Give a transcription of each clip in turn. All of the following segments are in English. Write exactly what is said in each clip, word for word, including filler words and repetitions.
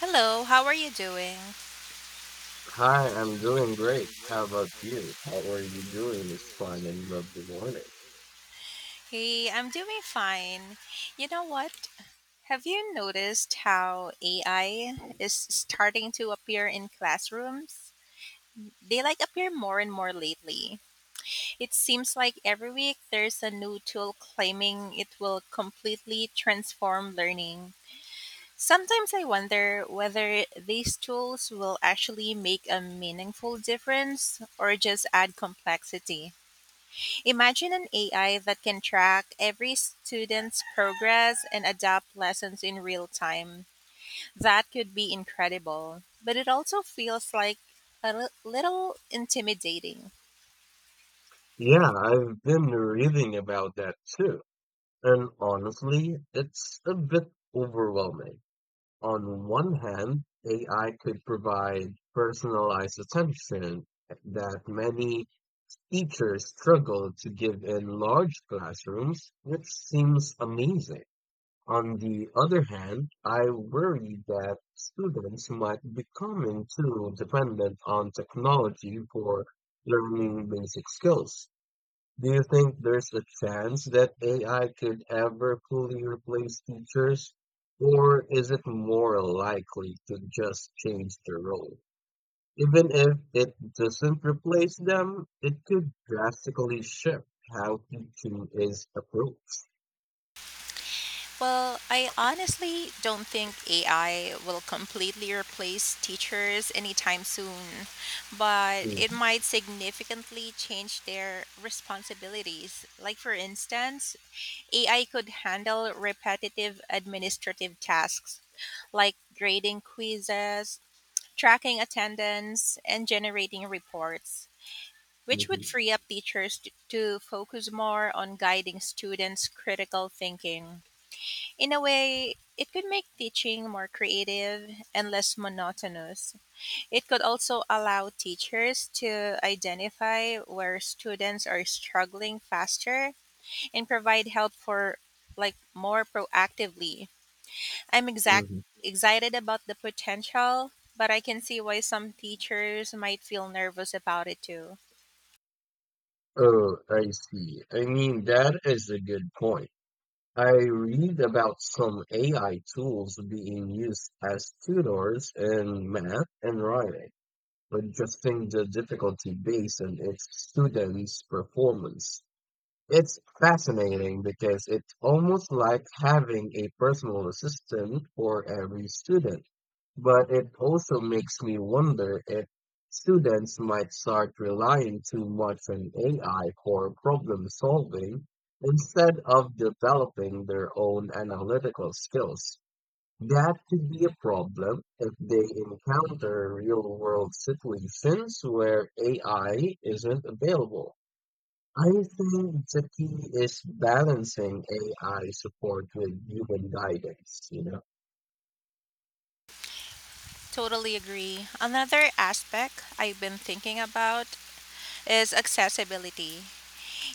Hello, how are you doing? Hi, I'm doing great. How about you? How are you doing this fine and lovely morning? Hey, I'm doing fine. You know what? Have you noticed how A I is starting to appear in classrooms? They like appear more and more lately. It seems like every week there's a new tool claiming it will completely transform learning. Sometimes I wonder whether these tools will actually make a meaningful difference or just add complexity. Imagine an A I that can track every student's progress and adapt lessons in real time. That could be incredible, but it also feels like a li- little intimidating. Yeah, I've been reading about that too. And honestly, it's a bit overwhelming. On one hand, A I could provide personalized attention that many teachers struggle to give in large classrooms, which seems amazing. On the other hand, I worry that students might becoming too dependent on technology for learning basic skills. Do you think there's a chance that A I could ever fully replace teachers, or is it more likely to just change their role? Even if it doesn't replace them, it could drastically shift how teaching is approached. Well, I honestly don't think A I will completely replace teachers anytime soon, but it Mhm, might significantly change their responsibilities. Like, for instance, A I could handle repetitive administrative tasks like grading quizzes, tracking attendance, and generating reports, which would mhm, free up teachers to, to focus more on guiding students' critical thinking. In a way, it could make teaching more creative and less monotonous. It could also allow teachers to identify where students are struggling faster and provide help for like more proactively. I'm exact mhm. excited about the potential, but I can see why some teachers might feel nervous about it too. Oh, I see. I mean, that is a good point. I read about some A I tools being used as tutors in math and writing, adjusting the difficulty based on its students' performance. It's fascinating because it's almost like having a personal assistant for every student. But it also makes me wonder if students might start relying too much on A I for problem solving instead of developing their own analytical skills. That could be a problem if they encounter real world situations where A I isn't available. I think the key is balancing A I support with human guidance, you know. Totally agree. Another aspect I've been thinking about is accessibility.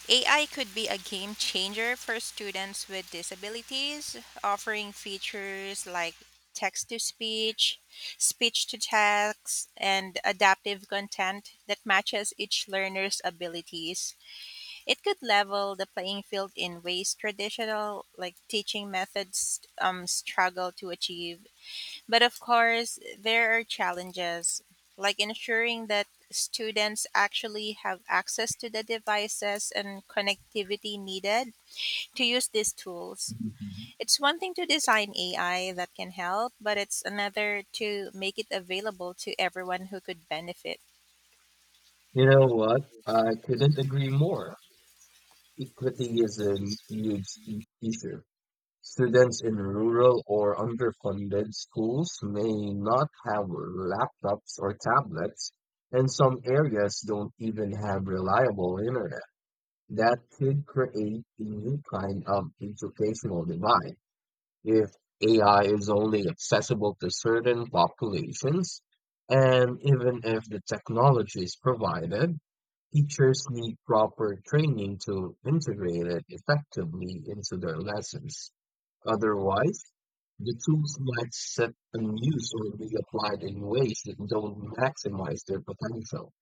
A I could be a game changer for students with disabilities, offering features like text to speech, speech to text, and adaptive content that matches each learner's abilities. It could level the playing field in ways traditional like teaching methods um, struggle to achieve, but of course, there are challenges, like ensuring that students actually have access to the devices and connectivity needed to use these tools. Mhm. It's one thing to design A I that can help, but it's another to make it available to everyone who could benefit. You know what? I couldn't agree more. Equity is a huge i- issue. Students in rural or underfunded schools may not have laptops or tablets, and some areas don't even have reliable internet. That could create a new kind of educational divide if A I is only accessible to certain populations, and even if the technology is provided, teachers need proper training to integrate it effectively into their lessons. Otherwise, the tools might sit unused or be applied in ways that don't maximize their potential.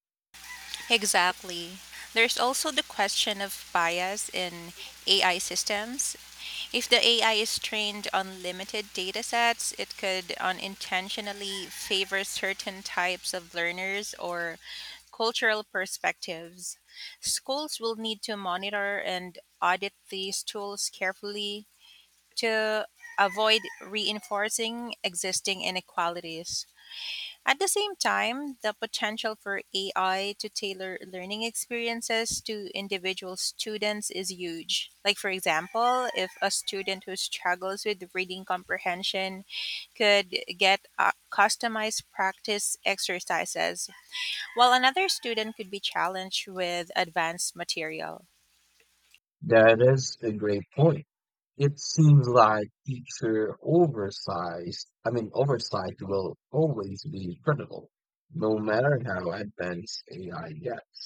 Exactly. There's also the question of bias in A I systems. If the A I is trained on limited data sets, it could unintentionally favor certain types of learners or cultural perspectives. Schools will need to monitor and audit these tools carefully to avoid reinforcing existing inequalities. At the same time, the potential for A I to tailor learning experiences to individual students is huge. Like, for example, if a student who struggles with reading comprehension could get uh, customized practice exercises, while another student could be challenged with advanced material. That is a great point. It seems like teacher oversized, I mean, oversight will always be critical, no matter how advanced A I gets.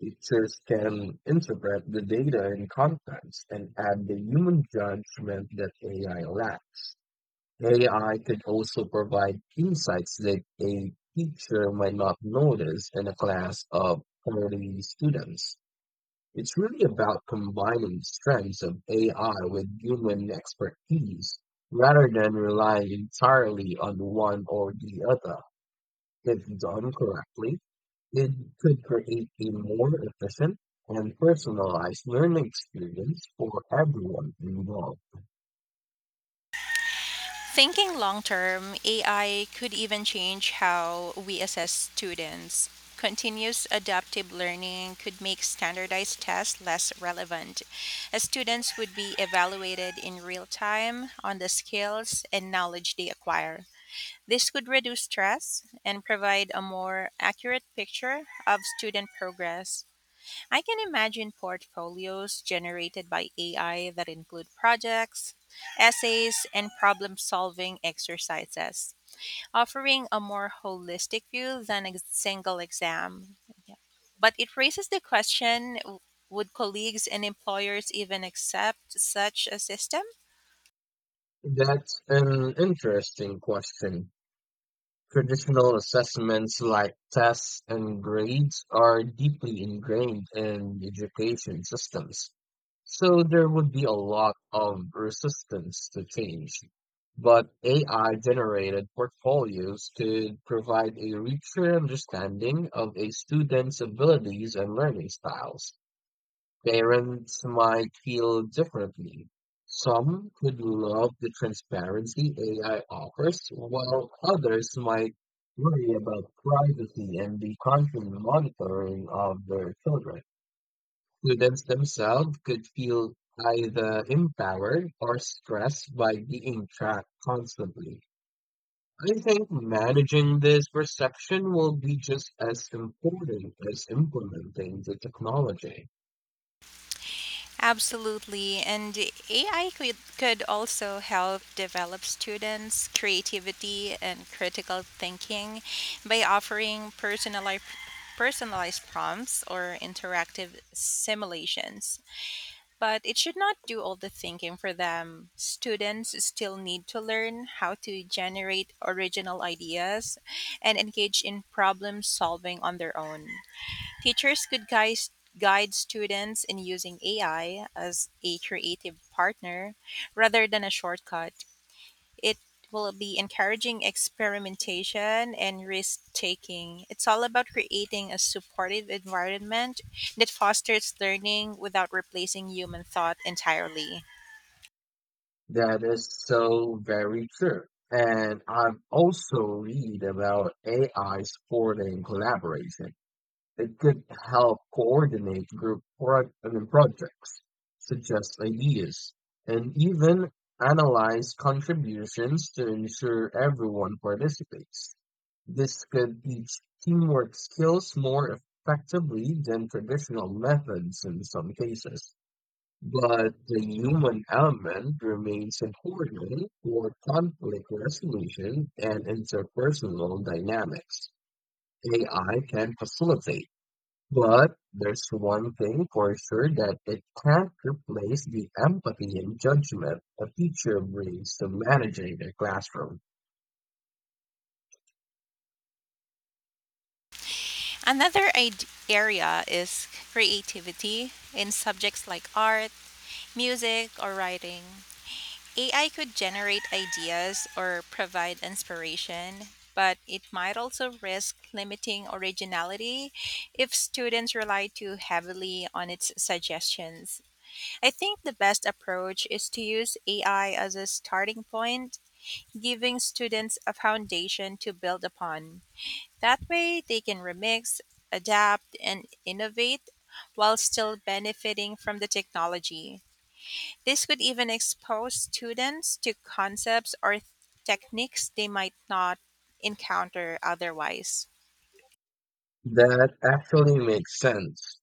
Teachers can interpret the data in context and add the human judgment that A I lacks. A I could also provide insights that a teacher might not notice in a class of forty students. It's really about combining the strengths of A I with human expertise rather than relying entirely on one or the other. If done correctly, it could create a more efficient and personalized learning experience for everyone involved. Thinking long term, A I could even change how we assess students. Continuous adaptive learning could make standardized tests less relevant, as students would be evaluated in real time on the skills and knowledge they acquire. This could reduce stress and provide a more accurate picture of student progress. I can imagine portfolios generated by A I that include projects, essays, and problem solving exercises, offering a more holistic view than a single exam. Yeah. But it raises the question, w- would colleagues and employers even accept such a system? That's an interesting question. Traditional assessments like tests and grades are deeply ingrained in education systems. So there would be a lot of resistance to change. But A I generated portfolios could provide a richer understanding of a student's abilities and learning styles. Parents might feel differently. Some could love the transparency A I offers, while others might worry about privacy and the constant monitoring of their children. Students themselves could feel either empowered or stressed by being tracked constantly. I think managing this perception will be just as important as implementing the technology. Absolutely. And A I could, could also help develop students' creativity and critical thinking by offering personalized, personalized prompts or interactive simulations. But it should not do all the thinking for them. Students still need to learn how to generate original ideas and engage in problem solving on their own. Teachers could guys guide students in using A I as a creative partner rather than a shortcut. It will be encouraging experimentation and risk taking. It's all about creating a supportive environment that fosters learning without replacing human thought entirely. That is so very true. And I've also read about A I supporting collaboration. They could help coordinate group pro- I mean, projects, suggest ideas, and even analyze contributions to ensure everyone participates. This could teach teamwork skills more effectively than traditional methods in some cases. But the human element remains important for conflict resolution and interpersonal dynamics. A I can facilitate, but there's one thing for sure that it can't replace the empathy and judgment a teacher brings to managing their classroom. Another id- area is creativity in subjects like art, music, or writing. A I could generate ideas or provide inspiration, but it might also risk limiting originality if students rely too heavily on its suggestions. I think the best approach is to use A I as a starting point, giving students a foundation to build upon. That way, they can remix, adapt, and innovate while still benefiting from the technology. This could even expose students to concepts or th- techniques they might not encounter otherwise. That actually makes sense.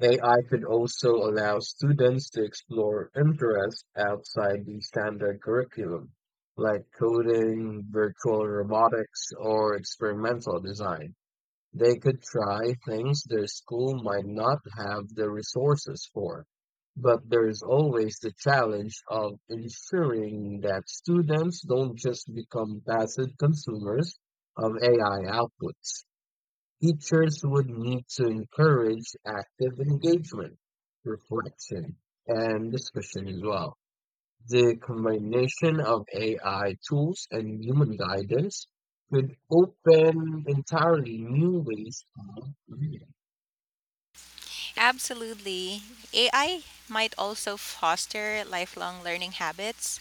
A I could also allow students to explore interests outside the standard curriculum, like coding, virtual robotics, or experimental design. They could try things their school might not have the resources for, but there's always the challenge of ensuring that students don't just become passive consumers of A I outputs. Teachers would need to encourage active engagement, reflection, and discussion as well. The combination of A I tools and human guidance could open entirely new ways of reading. Absolutely. A I might also foster lifelong learning habits.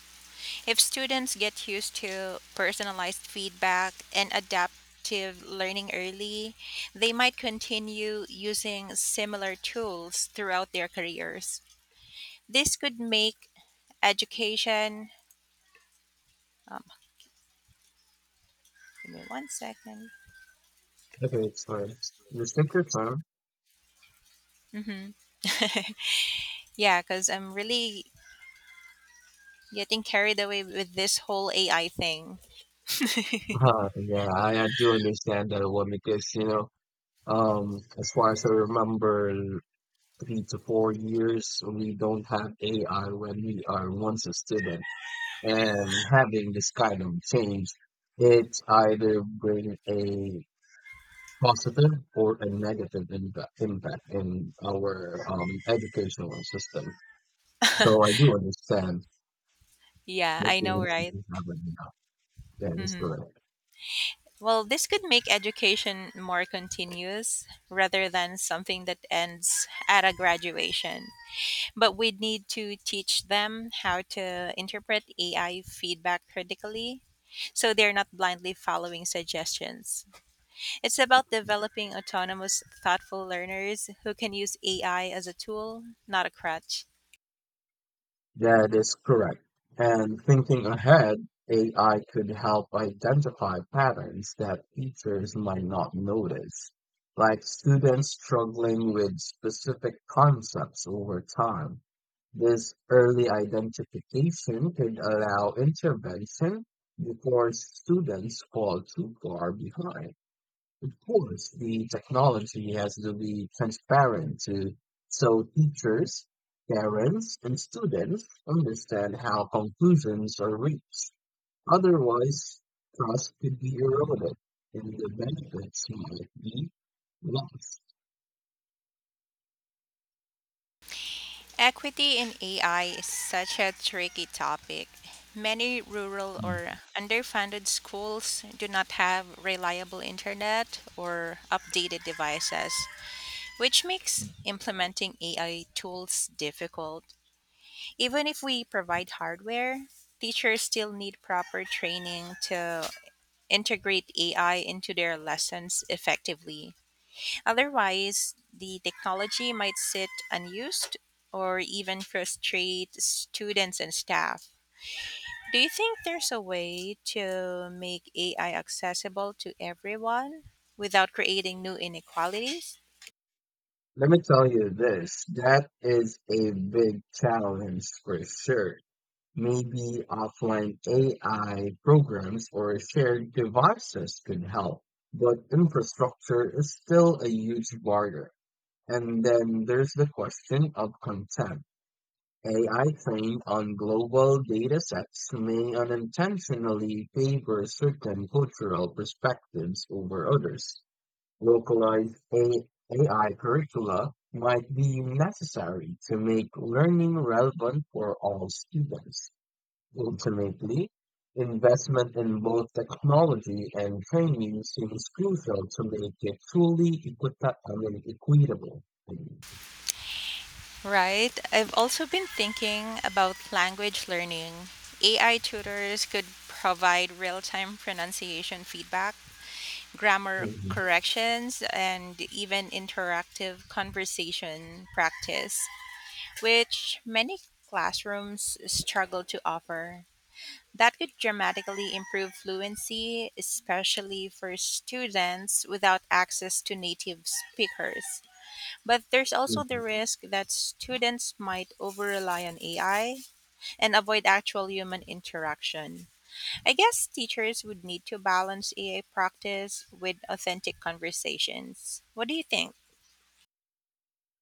If students get used to personalized feedback and adaptive learning early, they might continue using similar tools throughout their careers. This could make education, um, give me one second. Okay, sorry. The secret term, Mm-hmm. Yeah, because I'm really getting carried away with this whole A I thing. uh, yeah, I, I do understand that one because, you know, um, as far as I remember, l- three to four years, we don't have A I when we are once a student. And having this kind of change, it either bring a positive or a negative impact impact in our um, educational system. So I do understand Yeah, the I know, feelings that right? you have right now. That is hmm correct. Well, this could make education more continuous rather than something that ends at a graduation. But we need to teach them how to interpret A I feedback critically so they're not blindly following suggestions. It's about developing autonomous, thoughtful learners who can use A I as a tool, not a crutch. That is correct. And thinking ahead, A I could help identify patterns that teachers might not notice, like students struggling with specific concepts over time. This early identification could allow intervention before students fall too far behind. Of course, the technology has to be transparent to, so teachers, parents, and students understand how conclusions are reached. Otherwise, trust could be eroded and the benefits might be lost. Equity in A I is such a tricky topic. Many rural or underfunded schools do not have reliable internet or updated devices, which makes implementing A I tools difficult. Even if we provide hardware, teachers still need proper training to integrate A I into their lessons effectively. Otherwise, the technology might sit unused or even frustrate students and staff. Do you think there's a way to make A I accessible to everyone without creating new inequalities? Let me tell you this, that is a big challenge for sure. Maybe offline A I programs or shared devices could help, but infrastructure is still a huge barrier. And then there's the question of consent. A I trained on global data sets may unintentionally favor certain cultural perspectives over others. Localized A- AI curricula might be necessary to make learning relevant for all students. Ultimately, investment in both technology and training seems crucial to make it truly equita- I mean, equitable. Right. I've also been thinking about language learning. A I tutors could provide real time pronunciation feedback, grammar Mhm, corrections, and even interactive conversation practice, which many classrooms struggle to offer. That could dramatically improve fluency, especially for students without access to native speakers. But there's also the mhm. risk that students might over rely on A I and avoid actual human interaction. I guess teachers would need to balance A I practice with authentic conversations. What do you think?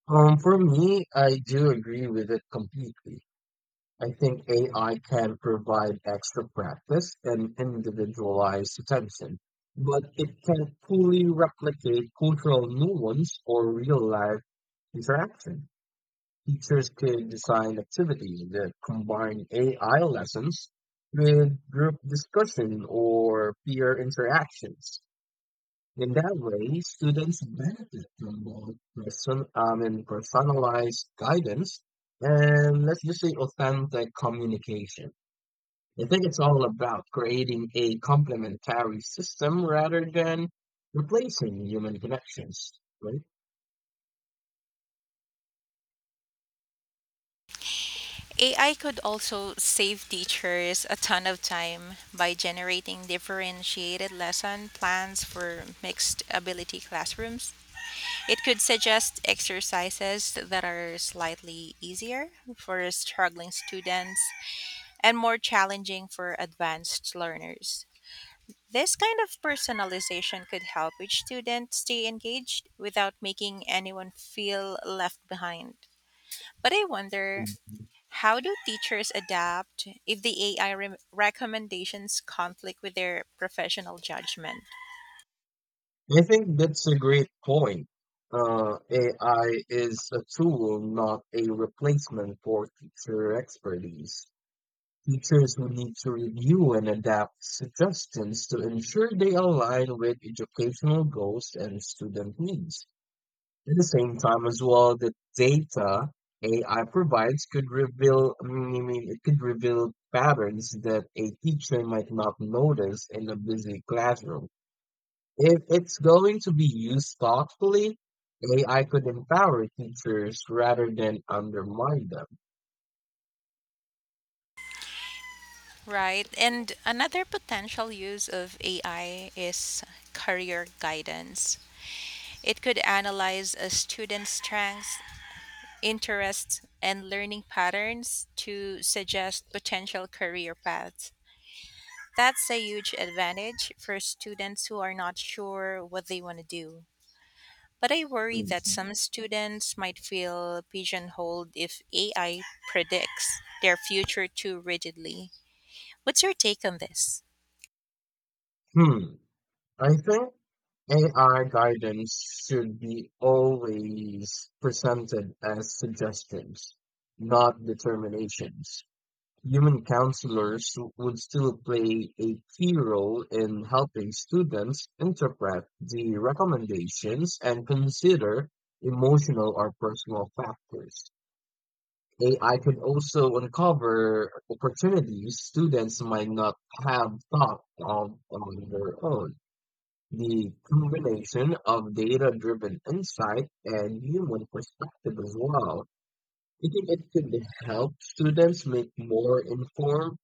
Um, for me, I do agree with it completely. I think A I can provide extra practice and individualized attention, but it can't fully replicate cultural nuance or real life interaction. Teachers could design activities that combine A I lessons with group discussion or peer interactions. In that way, students benefit from both person, I mean, personalized guidance and let's just say authentic communication. I think it's all about creating a complementary system rather than replacing human connections, right? A I could also save teachers a ton of time by generating differentiated lesson plans for mixed ability classrooms. It could suggest exercises that are slightly easier for struggling students and more challenging for advanced learners. This kind of personalization could help each student stay engaged without making anyone feel left behind. But I wonder, Mhm. how do teachers adapt if the A I re- recommendations conflict with their professional judgment? I think that's a great point. Uh, A I is a tool, not a replacement for teacher expertise. Teachers will need to review and adapt suggestions to ensure they align with educational goals and student needs. At the same time as well, the data A I provides could reveal, I mean, I mean, it could reveal patterns that a teacher might not notice in a busy classroom. If it's going to be used thoughtfully, A I could empower teachers rather than undermine them. Right. And another potential use of A I is career guidance. It could analyze a student's strengths, interests, and learning patterns to suggest potential career paths. That's a huge advantage for students who are not sure what they want to do. But I worry that Hmm. some students might feel pigeonholed if A I predicts their future too rigidly. What's your take on this? Hmm. I think A I guidance should be always presented as suggestions, not determinations. Human counselors would still play a key role in helping students interpret the recommendations and consider emotional or personal factors. A I could also uncover opportunities students might not have thought of on their own. The combination of data-driven insight and human perspective as well. I think it could help students make more informed,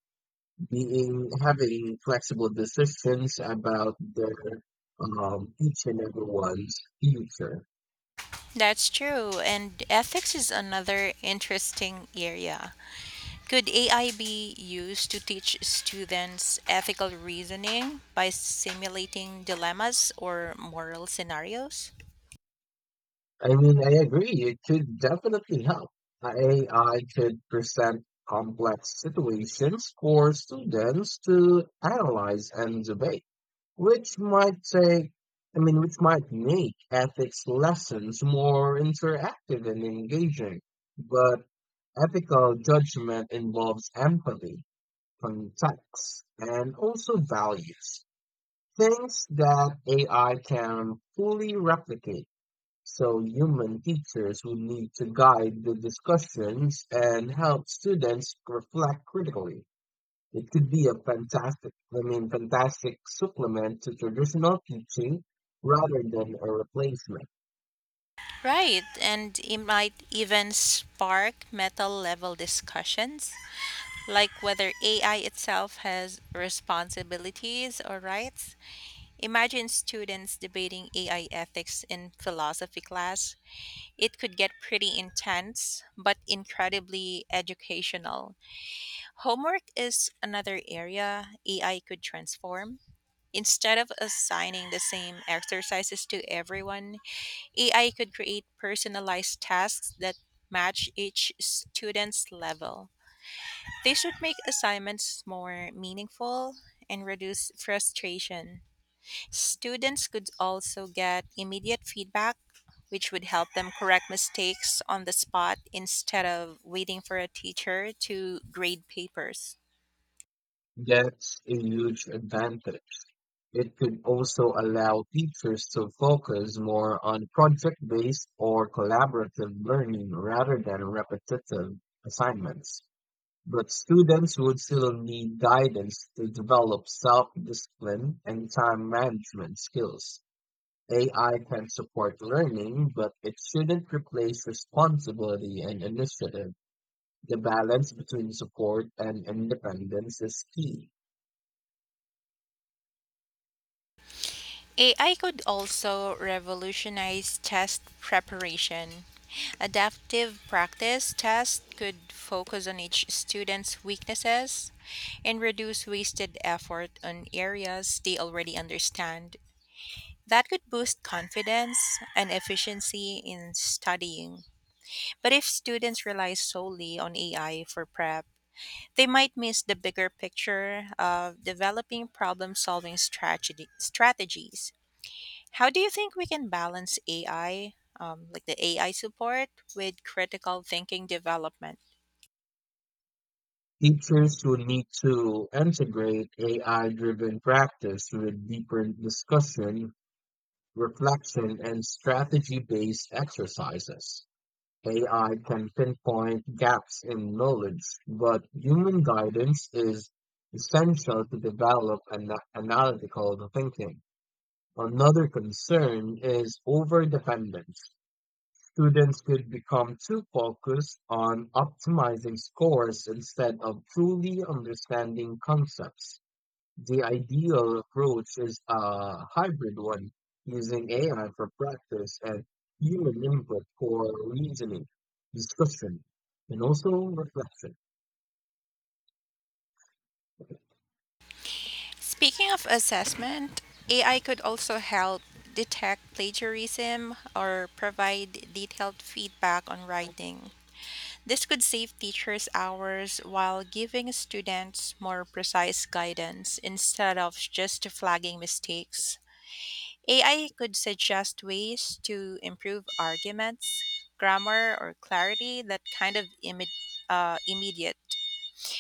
being having flexible decisions about their um, each and everyone's future. That's true, and ethics is another interesting area. Could A I be used to teach students ethical reasoning by simulating dilemmas or moral scenarios? I mean, I agree. It could definitely help. A I could present complex situations for students to analyze and debate, which might take, I mean, which might make ethics lessons more interactive and engaging. But ethical judgment involves empathy, context, and also values, things that A I can fully replicate. So human teachers would need to guide the discussions and help students reflect critically. It could be a fantastic, I mean, fantastic supplement to traditional teaching rather than a replacement. Right, and it might even spark meta level discussions, like whether A I itself has responsibilities or rights. Imagine students debating A I ethics in philosophy class. It could get pretty intense, but incredibly educational. Homework is another area A I could transform. Instead of assigning the same exercises to everyone, A I could create personalized tasks that match each student's level. This would make assignments more meaningful and reduce frustration. Students could also get immediate feedback, which would help them correct mistakes on the spot instead of waiting for a teacher to grade papers. That's a huge advantage. It could also allow teachers to focus more on project-based or collaborative learning rather than repetitive assignments. But students would still need guidance to develop self-discipline and time management skills. A I can support learning, but it shouldn't replace responsibility and initiative. The balance between support and independence is key. A I could also revolutionize test preparation. Adaptive practice tests could focus on each student's weaknesses and reduce wasted effort on areas they already understand. That could boost confidence and efficiency in studying. But if students rely solely on A I for prep, they might miss the bigger picture of developing problem solving strategy- strategies. How do you think we can balance A I, um, like the A I support, with critical thinking development? Teachers will need to integrate A I-driven practice with deeper discussion, reflection, and strategy-based exercises. A I can pinpoint gaps in knowledge, but human guidance is essential to develop an analytical thinking. Another concern is overdependence. Students could become too focused on optimizing scores instead of truly understanding concepts. The ideal approach is a hybrid one, using A I for practice and human input for reasoning, discussion, and also reflection. Speaking of assessment, A I could also help detect plagiarism or provide detailed feedback on writing. This could save teachers hours while giving students more precise guidance instead of just flagging mistakes. A I could suggest ways to improve arguments, grammar, or clarity that kind of imme- uh, immediate.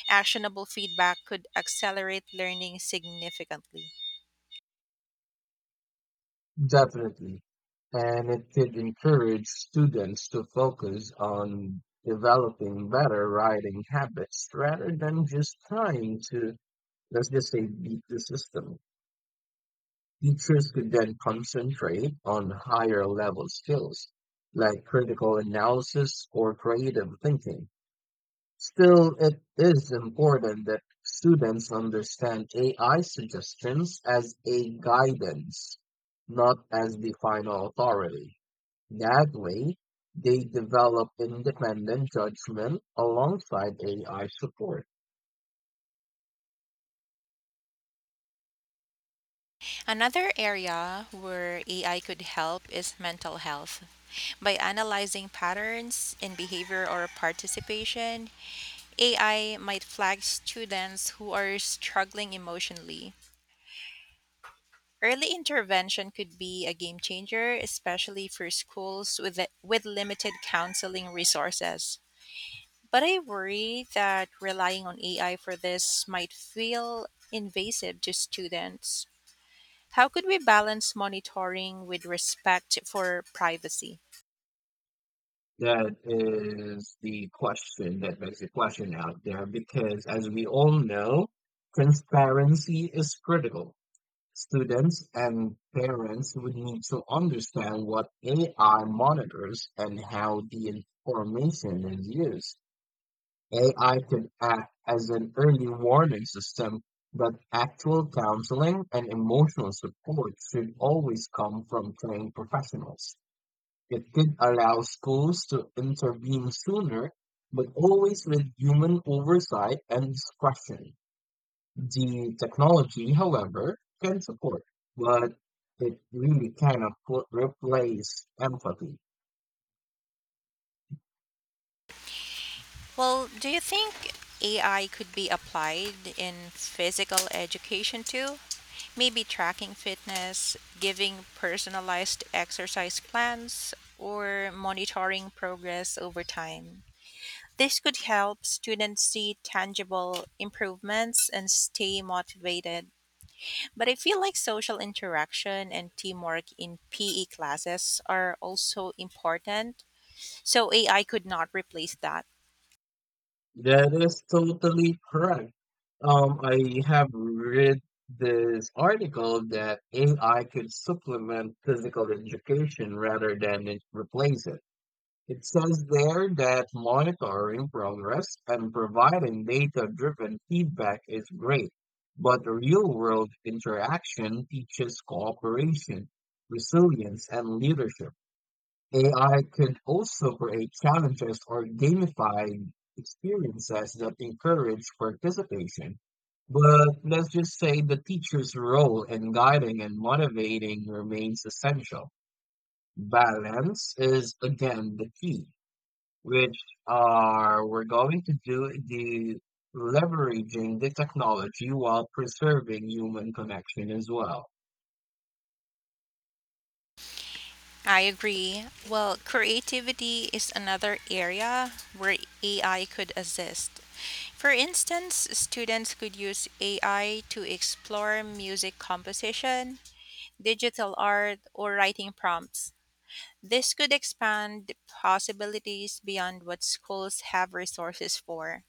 Actionable feedback could accelerate learning significantly. Definitely. And it could encourage students to focus on developing better writing habits rather than just trying to, let's just say, beat the system. Teachers could then concentrate on higher level skills like critical analysis or creative thinking. Still, it is important that students understand A I suggestions as a guidance, not as the final authority. That way, they develop independent judgment alongside A I support. Another area where A I could help is mental health. By analyzing patterns in behavior or participation, A I might flag students who are struggling emotionally. Early intervention could be a game changer, especially for schools with, with limited counseling resources. But I worry that relying on A I for this might feel invasive to students. How could we balance monitoring with respect for privacy? That is the question that makes the question out there because, as we all know, transparency is critical. Students and parents would need to understand what A I monitors and how the information is used. A I could act as an early warning system, but actual counseling and emotional support should always come from trained professionals. It could allow schools to intervene sooner, but always with human oversight and discretion. The technology, however, can support, but it really cannot put, replace empathy. Well, do you think A I could be applied in physical education too? Maybe tracking fitness, giving personalized exercise plans, or monitoring progress over time. This could help students see tangible improvements and stay motivated. But I feel like social interaction and teamwork in P E classes are also important, so A I could not replace that. That is totally correct. Um, I have read this article that A I could supplement physical education rather than it replace it. It says there that monitoring progress and providing data-driven feedback is great, but real-world interaction teaches cooperation, resilience, and leadership. A I could also create challenges or gamified experiences that encourage participation. But let's just say the teacher's role in guiding and motivating remains essential. Balance is again the key which are we're going to do the leveraging the technology while preserving human connection as well. I agree. Well, creativity is another area where A I could assist. For instance, students could use A I to explore music composition, digital art, or writing prompts. This could expand possibilities beyond what schools have resources for.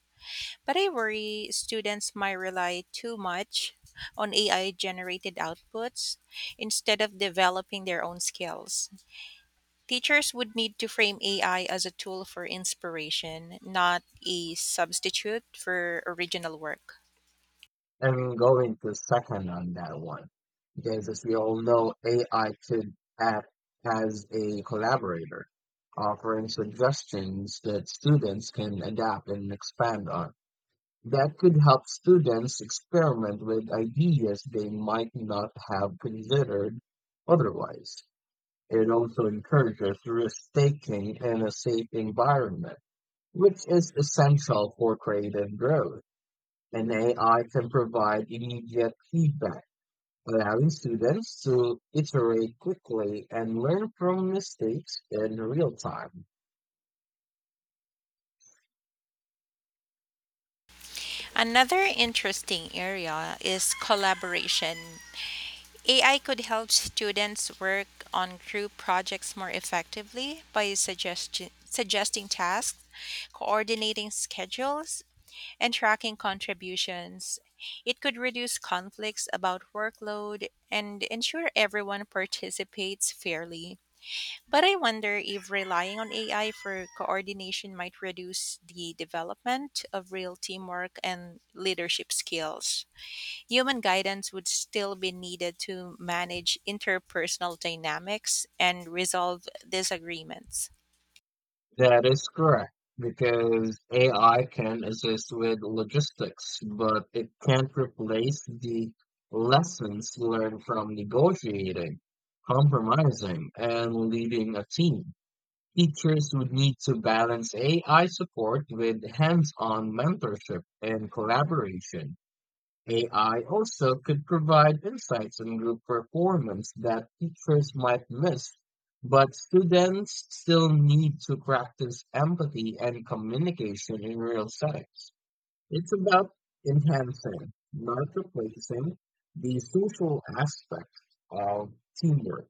But I worry students might rely too much on A I generated outputs instead of developing their own skills. Teachers would need to frame A I as a tool for inspiration, not a substitute for original work. And going to second on that one, because as we all know, A I could act as a collaborator, offering suggestions that students can adapt and expand on. That could help students experiment with ideas they might not have considered otherwise. It also encourages risk-taking in a safe environment, which is essential for creative growth. And A I can provide immediate feedback, allowing students to iterate quickly and learn from mistakes in real time. Another interesting area is collaboration. A I could help students work on group projects more effectively by suggesti- suggesting tasks, coordinating schedules, and tracking contributions. It could reduce conflicts about workload and ensure everyone participates fairly. But I wonder if relying on A I for coordination might reduce the development of real teamwork and leadership skills. Human guidance would still be needed to manage interpersonal dynamics and resolve disagreements. That is correct, because A I can assist with logistics, but it can't replace the lessons learned from negotiating, compromising, and leading a team. Teachers would need to balance A I support with hands-on mentorship and collaboration. A I also could provide insights on group performance that teachers might miss, but students still need to practice empathy and communication in real settings. It's about enhancing, not replacing, the social aspect of teamwork.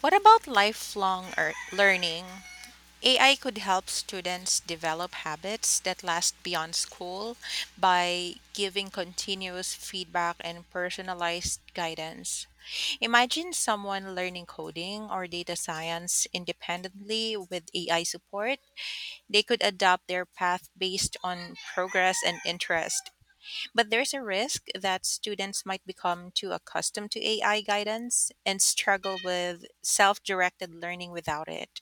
What about lifelong er- learning? A I could help students develop habits that last beyond school by giving continuous feedback and personalized guidance. Imagine someone learning coding or data science independently with A I support. They could adapt their path based on progress and interest. But there's a risk that students might become too accustomed to A I guidance and struggle with self directed learning without it.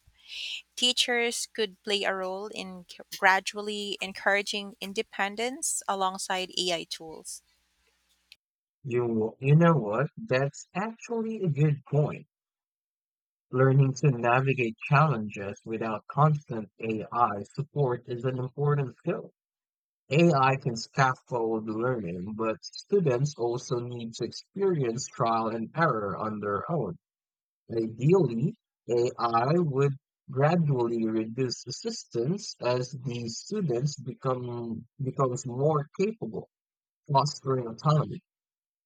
Teachers could play a role in c- gradually encouraging independence alongside A I tools. You, you know what? That's actually a good point. Learning to navigate challenges without constant A I support is an important skill. A I can scaffold learning, but students also need to experience trial and error on their own. Ideally, A I would gradually reduce assistance as the students become becomes more capable, fostering autonomy.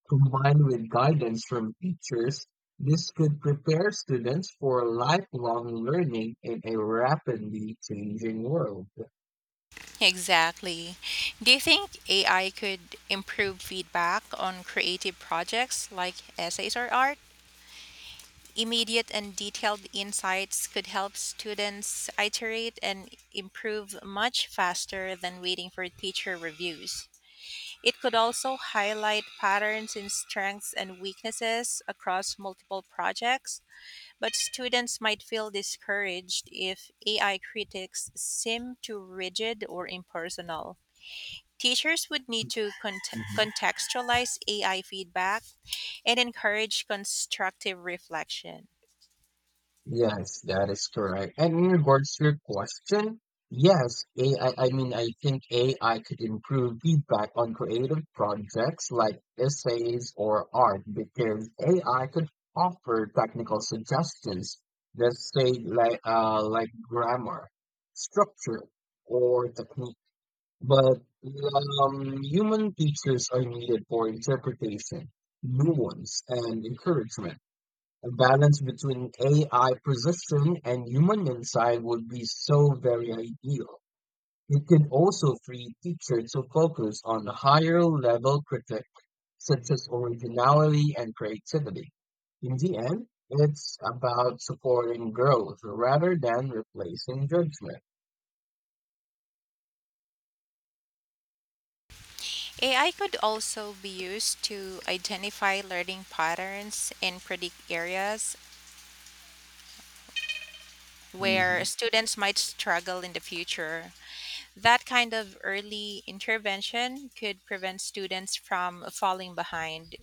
Combined with guidance from teachers, this could prepare students for lifelong learning in a rapidly changing world. Exactly. Do you think A I could improve feedback on creative projects like essays or art? Immediate and detailed insights could help students iterate and improve much faster than waiting for teacher reviews. It could also highlight patterns in strengths and weaknesses across multiple projects, but students might feel discouraged if A I critics seem too rigid or impersonal. Teachers would need to cont- Mhm. contextualize A I feedback and encourage constructive reflection. Yes, that is correct. And in regards to your question, yes, A I, I I mean, I think A I could improve feedback on creative projects like essays or art because A I could offer technical suggestions that say like uh like grammar, structure, or technique. But um, human teachers are needed for interpretation, nuance, and encouragement. A balance between A I precision and human insight would be so very ideal. It can also free teachers to focus on higher level critics such as originality and creativity. In the end, it's about supporting growth rather than replacing judgment. A I could also be used to identify learning patterns and predict areas where hmm students might struggle in the future. That kind of early intervention could prevent students from falling behind.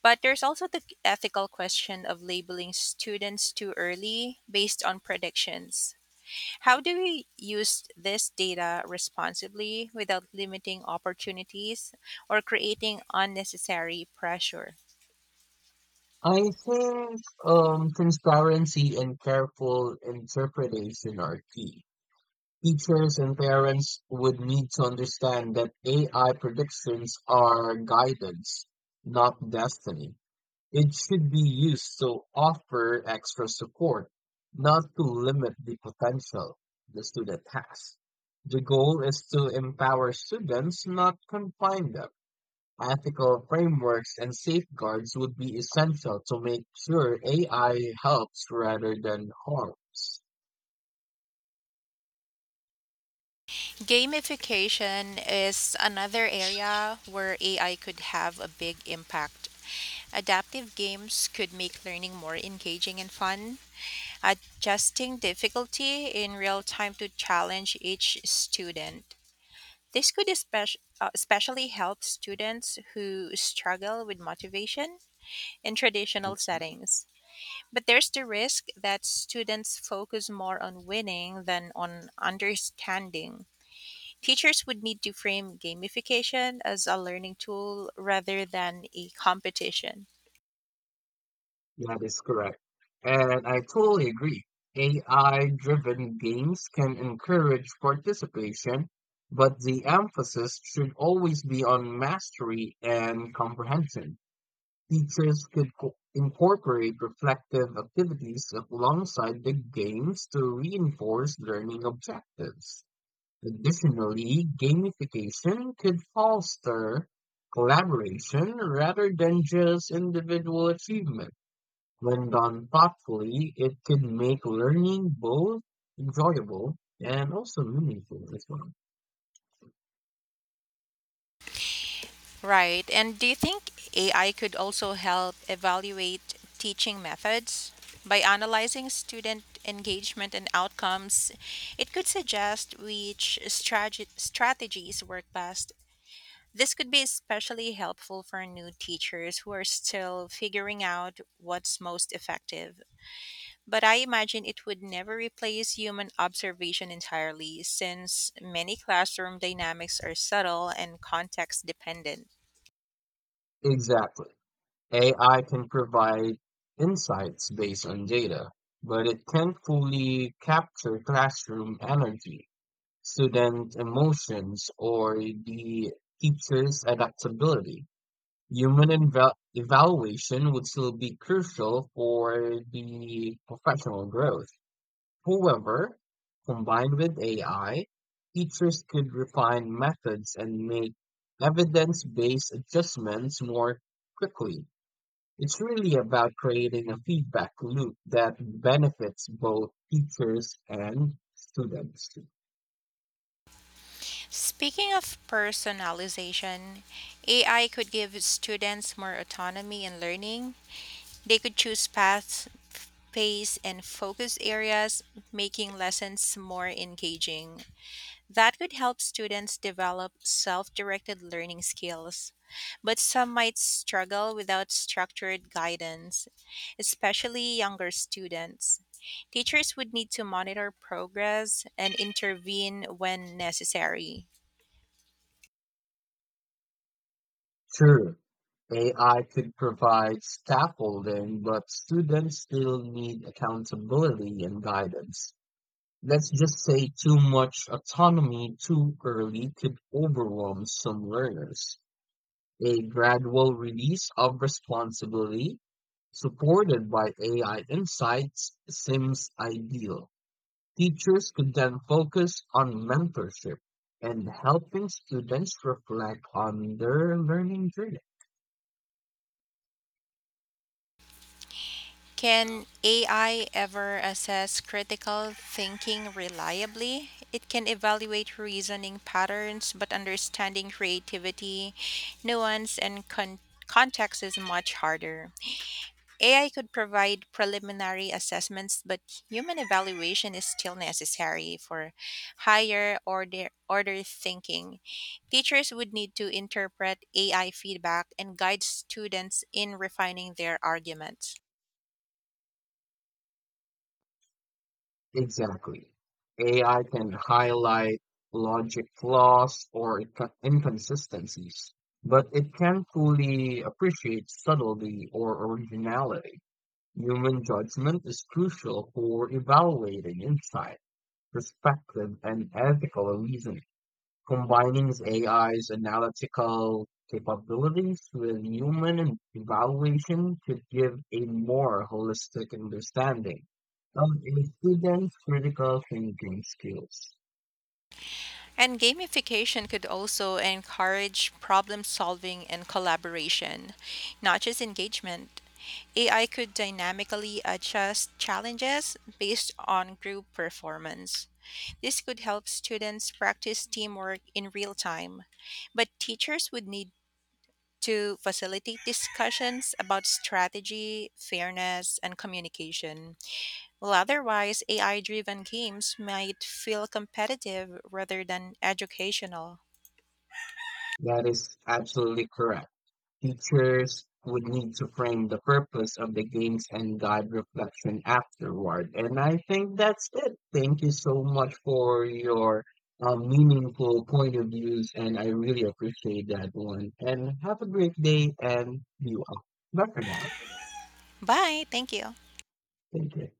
But there's also the ethical question of labeling students too early based on predictions. How do we use this data responsibly without limiting opportunities or creating unnecessary pressure? I think um, transparency and careful interpretation are key. Teachers and parents would need to understand that A I predictions are guidance, not destiny. It should be used to offer extra support, not to limit the potential the student has. The goal is to empower students, not confine them. Ethical frameworks and safeguards would be essential to make sure A I helps rather than harms. Gamification is another area where A I could have a big impact. Adaptive games could make learning more engaging and fun, adjusting difficulty in real time to challenge each student. This could especially, especially help students who struggle with motivation in traditional settings. But there's the risk that students focus more on winning than on understanding. Teachers would need to frame gamification as a learning tool rather than a competition. That is correct. And I totally agree. A I-driven games can encourage participation, but the emphasis should always be on mastery and comprehension. Teachers could co- incorporate reflective activities alongside the games to reinforce learning objectives. Additionally, gamification could foster collaboration rather than just individual achievement. When done thoughtfully, it can make learning both enjoyable and also meaningful as well. Right. And do you think A I could also help evaluate teaching methods? By analyzing student engagement and outcomes, it could suggest which strate- strategies work best. This could be especially helpful for new teachers who are still figuring out what's most effective. But I imagine it would never replace human observation entirely, since many classroom dynamics are subtle and context dependent. Exactly. A I can provide insights based on data, but it can't fully capture classroom energy, student emotions, or the teacher's adaptability. Human eval- evaluation would still be crucial for the professional growth. However, combined with A I, teachers could refine methods and make evidence-based adjustments more quickly. It's really about creating a feedback loop that benefits both teachers and students. Speaking of personalization, A I could give students more autonomy in learning. They could choose paths, pace, and focus areas, making lessons more engaging. That could help students develop self directed learning skills, but some might struggle without structured guidance, especially younger students. Teachers would need to monitor progress and intervene when necessary. True, A I could provide scaffolding, but students still need accountability and guidance. Let's just say too much autonomy too early could overwhelm some learners. A gradual release of responsibility supported by A I insights seems ideal. Teachers could then focus on mentorship and helping students reflect on their learning journey. Can A I ever assess critical thinking reliably? It can evaluate reasoning patterns, but understanding creativity, nuance, and con- context is much harder. A I could provide preliminary assessments, but human evaluation is still necessary for higher order, order thinking. Teachers would need to interpret A I feedback and guide students in refining their arguments. Exactly. A I can highlight logic flaws or inco- inconsistencies, but it can't fully appreciate subtlety or originality. Human judgment is crucial for evaluating insight, perspective, and ethical reasoning, combining A I's analytical capabilities with human evaluation to give a more holistic understanding of a student's critical thinking skills. And gamification could also encourage problem solving and collaboration, not just engagement. A I could dynamically adjust challenges based on group performance. This could help students practice teamwork in real time, but teachers would need to facilitate discussions about strategy, fairness, and communication. Well, otherwise, A I driven games might feel competitive rather than educational. That is absolutely correct. Teachers would need to frame the purpose of the games and guide reflection afterward. And I think that's it. Thank you so much for your um, meaningful point of views, and I really appreciate that one. And have a great day, and you all. Bye for now. Bye. Thank you. Thank you.